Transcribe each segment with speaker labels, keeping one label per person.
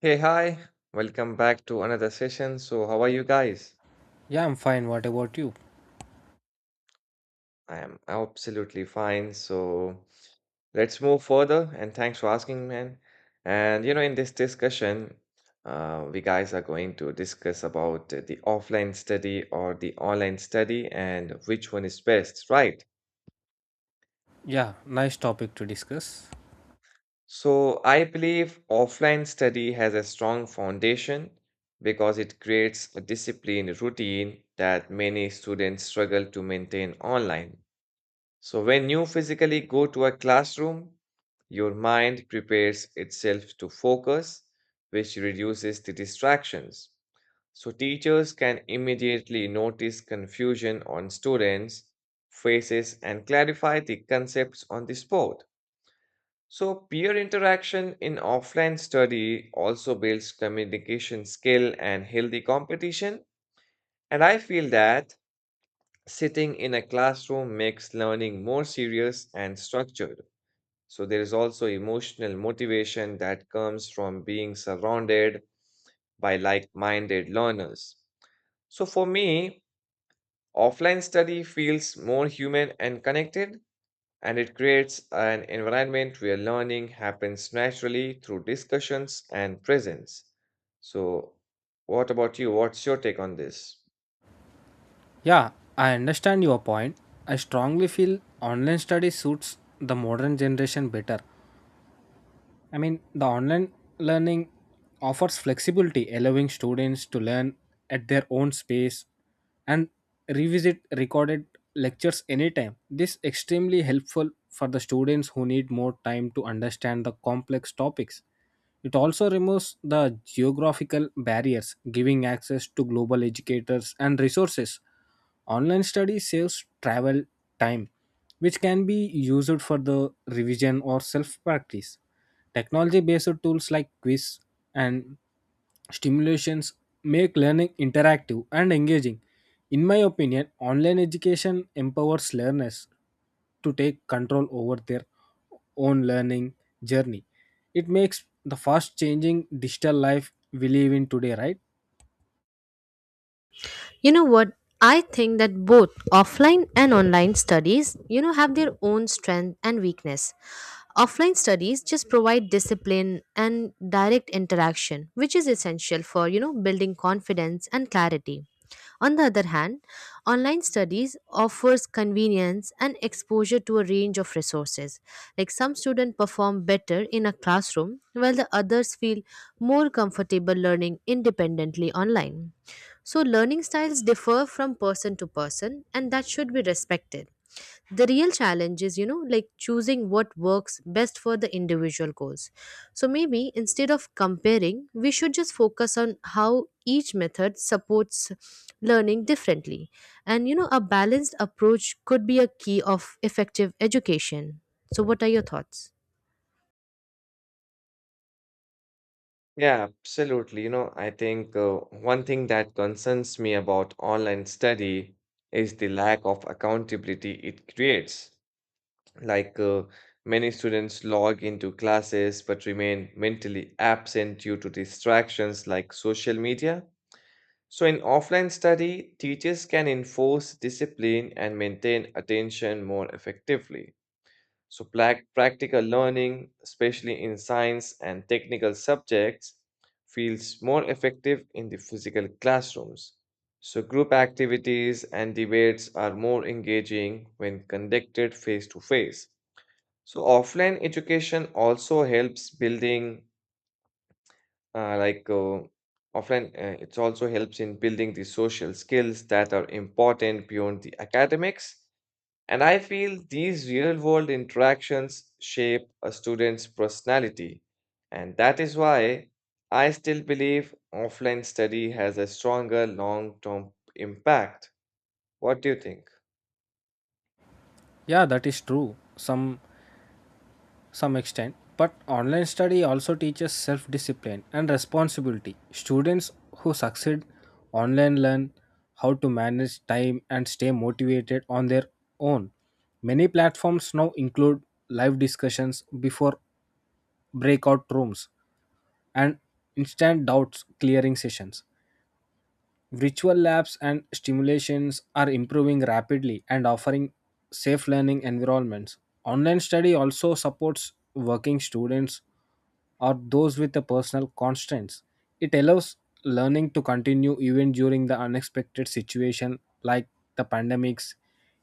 Speaker 1: Hey, hi. Welcome back to another session. So, how are you guys?
Speaker 2: Yeah, I'm fine. What about you?
Speaker 1: I am absolutely fine. So, let's move further. And thanks for asking, man. And you know, in this discussion, we guys are going to discuss about the offline study or the online study and which one is best, right?
Speaker 2: Yeah, nice topic to discuss.
Speaker 1: So, I believe offline study has a strong foundation because it creates a disciplined routine that many students struggle to maintain online. So, when you physically go to a classroom, your mind prepares itself to focus, which reduces the distractions. So, teachers can immediately notice confusion on students' faces and clarify the concepts on the spot. So, peer interaction in offline study also builds communication skill and healthy competition. And I feel that sitting in a classroom makes learning more serious and structured. So there is also emotional motivation that comes from being surrounded by like-minded learners. So for me, offline study feels more human and connected, and it creates an environment where learning happens naturally through discussions and presence. So what about you? What's your take on this?
Speaker 2: Yeah, I understand your point. I strongly feel online study suits the modern generation better. The online learning offers flexibility, allowing students to learn at their own space and revisit recorded lectures anytime. This extremely helpful for the students who need more time to understand the complex topics. It also removes the geographical barriers, giving access to global educators and resources. Online study saves travel time, which can be used for the revision or self practice. Technology based tools like quiz and stimulations make learning interactive and engaging. In my opinion, online education empowers learners to take control over their own learning journey. It makes the fast changing digital life we live in today, right?
Speaker 3: You know what? I think that both offline and online studies, have their own strength and weakness. Offline studies just provide discipline and direct interaction, which is essential for building confidence and clarity. On the other hand, online studies offers convenience and exposure to a range of resources. Like some students perform better in a classroom, while the others feel more comfortable learning independently online. So, learning styles differ from person to person, and that should be respected. The real challenge is, like choosing what works best for the individual goals. So, maybe instead of comparing, we should just focus on how each method supports learning differently. And a balanced approach could be a key of effective education. So, what are your thoughts?
Speaker 1: Yeah, absolutely. You know, I think one thing that concerns me about online study is the lack of accountability it creates. Like many students log into classes but remain mentally absent due to distractions like social media. So, in offline study, teachers can enforce discipline and maintain attention more effectively. So, practical learning, especially in science and technical subjects, feels more effective in the physical classrooms. So, group activities and debates are more engaging when conducted face to face. So, offline education also helps building, uh, like, uh, it also helps in building the social skills that are important beyond the academics. And I feel these real world interactions shape a student's personality. And that is why I still believe offline study has a stronger long term impact. What do you think?
Speaker 2: Yeah, that is true. Some extent, but online study also teaches self discipline and responsibility. Students who succeed online learn how to manage time and stay motivated on their own. Many platforms now include live discussions before breakout rooms and instant doubts clearing sessions. Virtual labs and stimulations are improving rapidly and offering safe learning environments. Online study also supports working students or those with the personal constraints. It allows learning to continue even during the unexpected situation like the pandemics.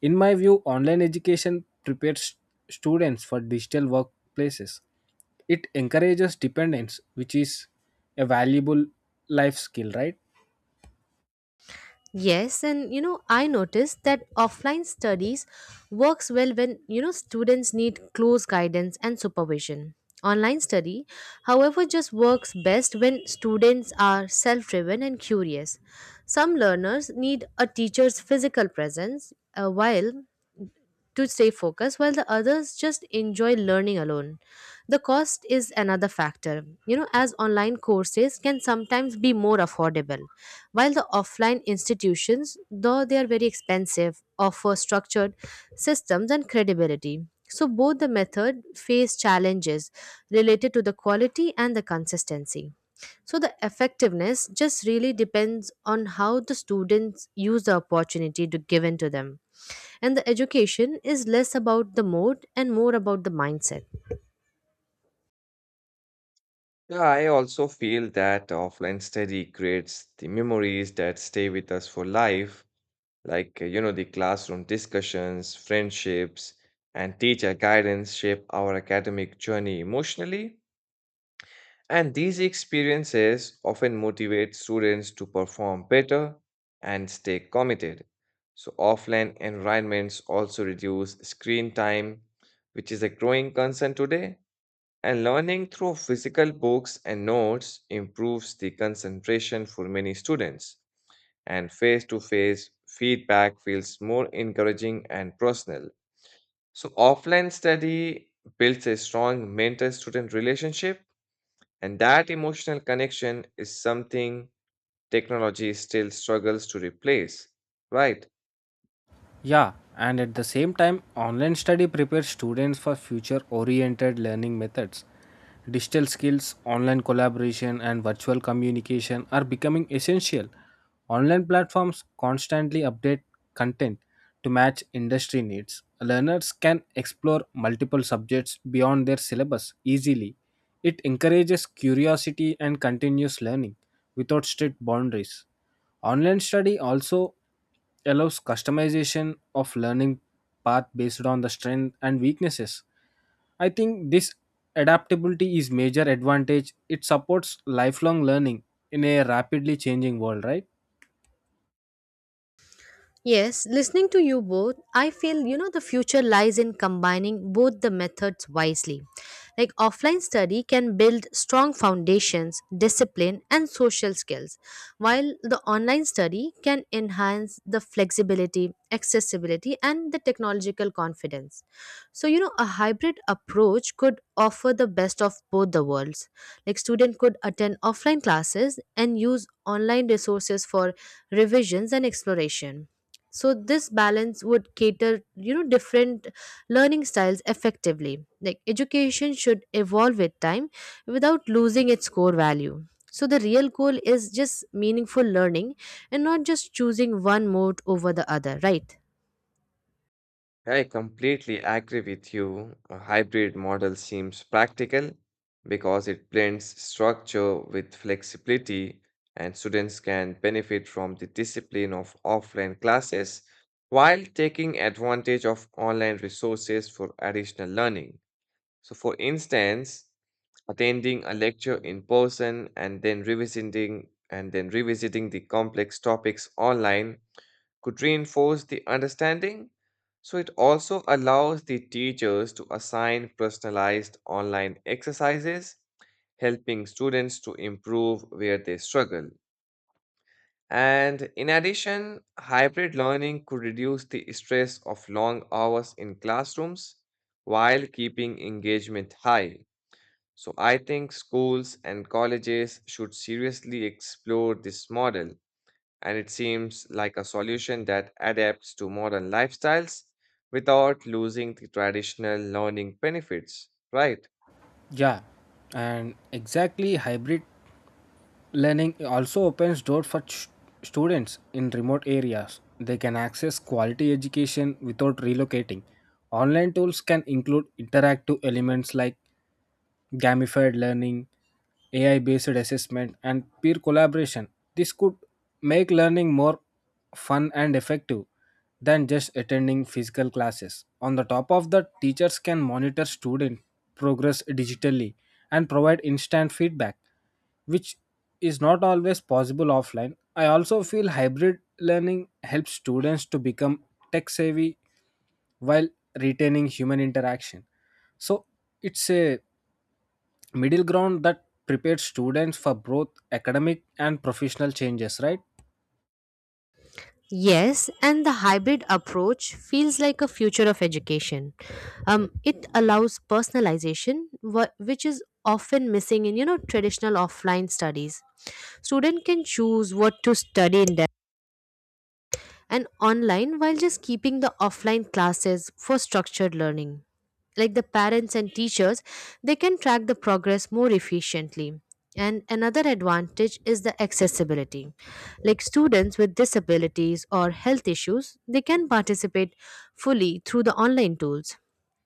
Speaker 2: In my view, online education prepares students for digital workplaces. It encourages dependence, which is a valuable life skill, right?
Speaker 3: Yes, and I noticed that offline studies works well when students need close guidance and supervision. Online study, however, just works best when students are self-driven and curious. Some learners need a teacher's physical presence, while to stay focused while the others just enjoy learning alone the cost is another factor as online courses can sometimes be more affordable while the offline institutions though they are very expensive offer structured systems and credibility so both the method face challenges related to the quality and the consistency so the effectiveness just really depends on how the students use the opportunity to given to them and the education is less about the mode and more about the mindset.
Speaker 1: Yeah, I also feel that offline study creates the memories that stay with us for life, like, you know, the classroom discussions, friendships, and teacher guidance shape our academic journey emotionally. And these experiences often motivate students to perform better and stay committed. So, offline environments also reduce screen time, which is a growing concern today. And learning through physical books and notes improves the concentration for many students. And face to face feedback feels more encouraging and personal. So, offline study builds a strong mentor student relationship and that emotional connection is something technology still struggles to replace, right?
Speaker 2: Yeah, and at the same time, online study prepares students for future oriented learning methods. Digital skills, online collaboration, and virtual communication are becoming essential. Online platforms constantly update content to match industry needs. Learners can explore multiple subjects beyond their syllabus easily. It encourages curiosity and continuous learning without strict boundaries. Online study also allows customization of learning path based on the strength and weaknesses. I think this adaptability is major advantage. It supports lifelong learning in a rapidly changing world, right?
Speaker 3: Yes, listening to you both, I feel the future lies in combining both the methods wisely. Like offline study can build strong foundations, discipline, and social skills, while the online study can enhance the flexibility, accessibility, and the technological confidence. So, a hybrid approach could offer the best of both the worlds. Like student could attend offline classes and use online resources for revisions and exploration. So this balance would cater, different learning styles effectively. Like education should evolve with time without losing its core value. So the real goal is just meaningful learning and not just choosing one mode over the other, right?
Speaker 1: I completely agree with you. A hybrid model seems practical because it blends structure with flexibility, and students can benefit from the discipline of offline classes while taking advantage of online resources for additional learning. So, for instance, attending a lecture in person and then revisiting the complex topics online could reinforce the understanding. So it also allows the teachers to assign personalized online exercises, helping students to improve where they struggle. And in addition, hybrid learning could reduce the stress of long hours in classrooms while keeping engagement high. So I think schools and colleges should seriously explore this model, and it seems like a solution that adapts to modern lifestyles without losing the traditional learning benefits, right?
Speaker 2: Yeah. And exactly hybrid learning also opens doors for students in remote areas. They can access quality education without relocating. Online tools can include interactive elements like gamified learning, AI based assessment, and peer collaboration. This could make learning more fun and effective than just attending physical classes. On the top of that, teachers can monitor student progress digitally and provide instant feedback which is not always possible offline. I also feel hybrid learning helps students to become tech savvy while retaining human interaction. So it's a middle ground that prepares students for both academic and professional changes, right?
Speaker 3: Yes, and the hybrid approach feels like a future of education. It allows personalization, which is often missing in traditional offline studies. Student can choose what to study in and online while just keeping the offline classes for structured learning. Like the parents and teachers, they can track the progress more efficiently. And another advantage is the accessibility. Like students with disabilities or health issues, they can participate fully through the online tools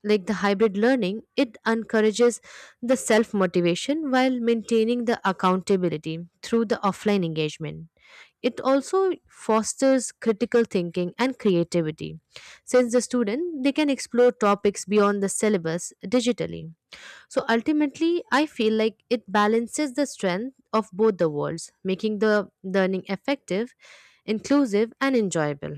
Speaker 3: like the hybrid learning, it encourages the self motivation while maintaining the accountability through the offline engagement. It also fosters critical thinking and creativity since the student they can explore topics beyond the syllabus digitally. So ultimately I feel like it balances the strength of both the worlds, making the learning effective, inclusive and enjoyable.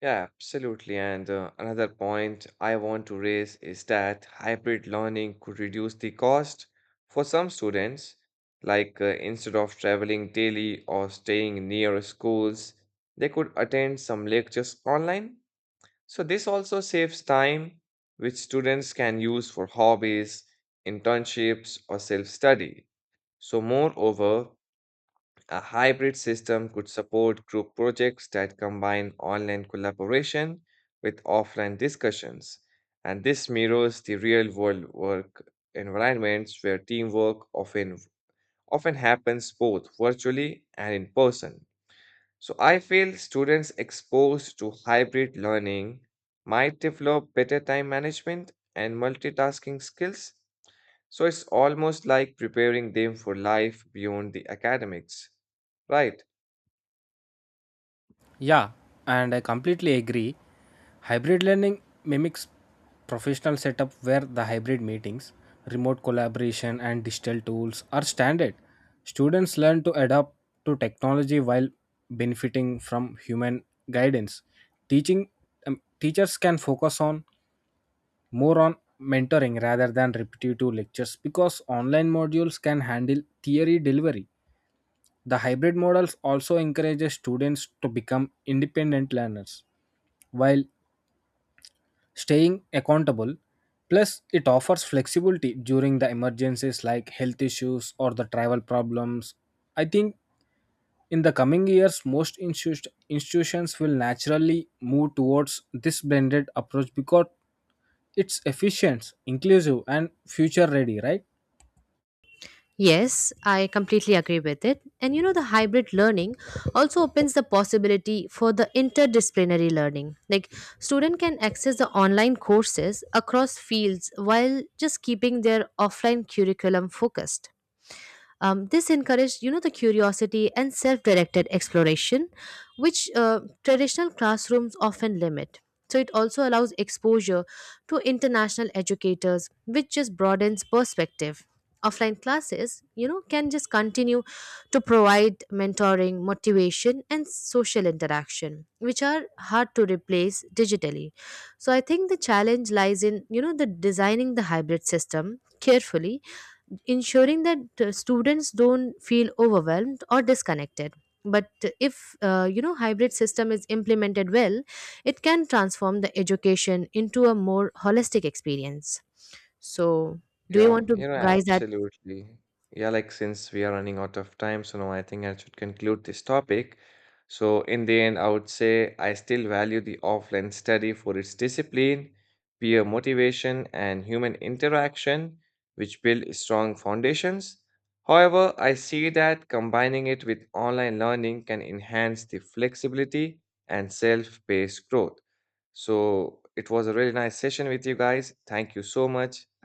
Speaker 1: Yeah, absolutely. And another point I want to raise is that hybrid learning could reduce the cost for some students, like instead of traveling daily or staying near schools, they could attend some lectures online. So this also saves time, which students can use for hobbies, internships, or self-study. So moreover, a hybrid system could support group projects that combine online collaboration with offline discussions. And this mirrors the real-world work environments where teamwork often happens both virtually and in person. So I feel students exposed to hybrid learning might develop better time management and multitasking skills. So it's almost like preparing them for life beyond the academics, right?
Speaker 2: Yeah, and I completely agree. Hybrid learning mimics professional setup where the hybrid meetings, remote collaboration, and digital tools are standard. Students learn to adapt to technology while benefiting from human guidance. Teaching teachers can focus on more on mentoring rather than repetitive lectures because online modules can handle theory delivery. The hybrid models also encourages students to become independent learners while staying accountable. Plus, it offers flexibility during the emergencies like health issues or the travel problems. I think in the coming years, most institutions will naturally move towards this blended approach because it's efficient, inclusive, and future ready, right?
Speaker 3: Yes, I completely agree with it. And the hybrid learning also opens the possibility for the interdisciplinary learning. Like, student can access the online courses across fields while just keeping their offline curriculum focused. This encouraged, the curiosity and self-directed exploration, which traditional classrooms often limit. So it also allows exposure to international educators, which just broadens perspective. Offline classes, can just continue to provide mentoring, motivation, and social interaction, which are hard to replace digitally. So I think the challenge lies in, the designing the hybrid system carefully ensuring that students don't feel overwhelmed or disconnected but if hybrid system is implemented well it can transform the education into a more holistic experience so do you
Speaker 1: Yeah,
Speaker 3: want to
Speaker 1: you know,
Speaker 3: guys add
Speaker 1: absolutely. Yeah, like since we are running out of time, so now I think I should conclude this topic. So, in the end, I would say I still value the offline study for its discipline, peer motivation, and human interaction, which build strong foundations. However, I see that combining it with online learning can enhance the flexibility and self-paced growth. So, it was a really nice session with you guys. Thank you so much. Have a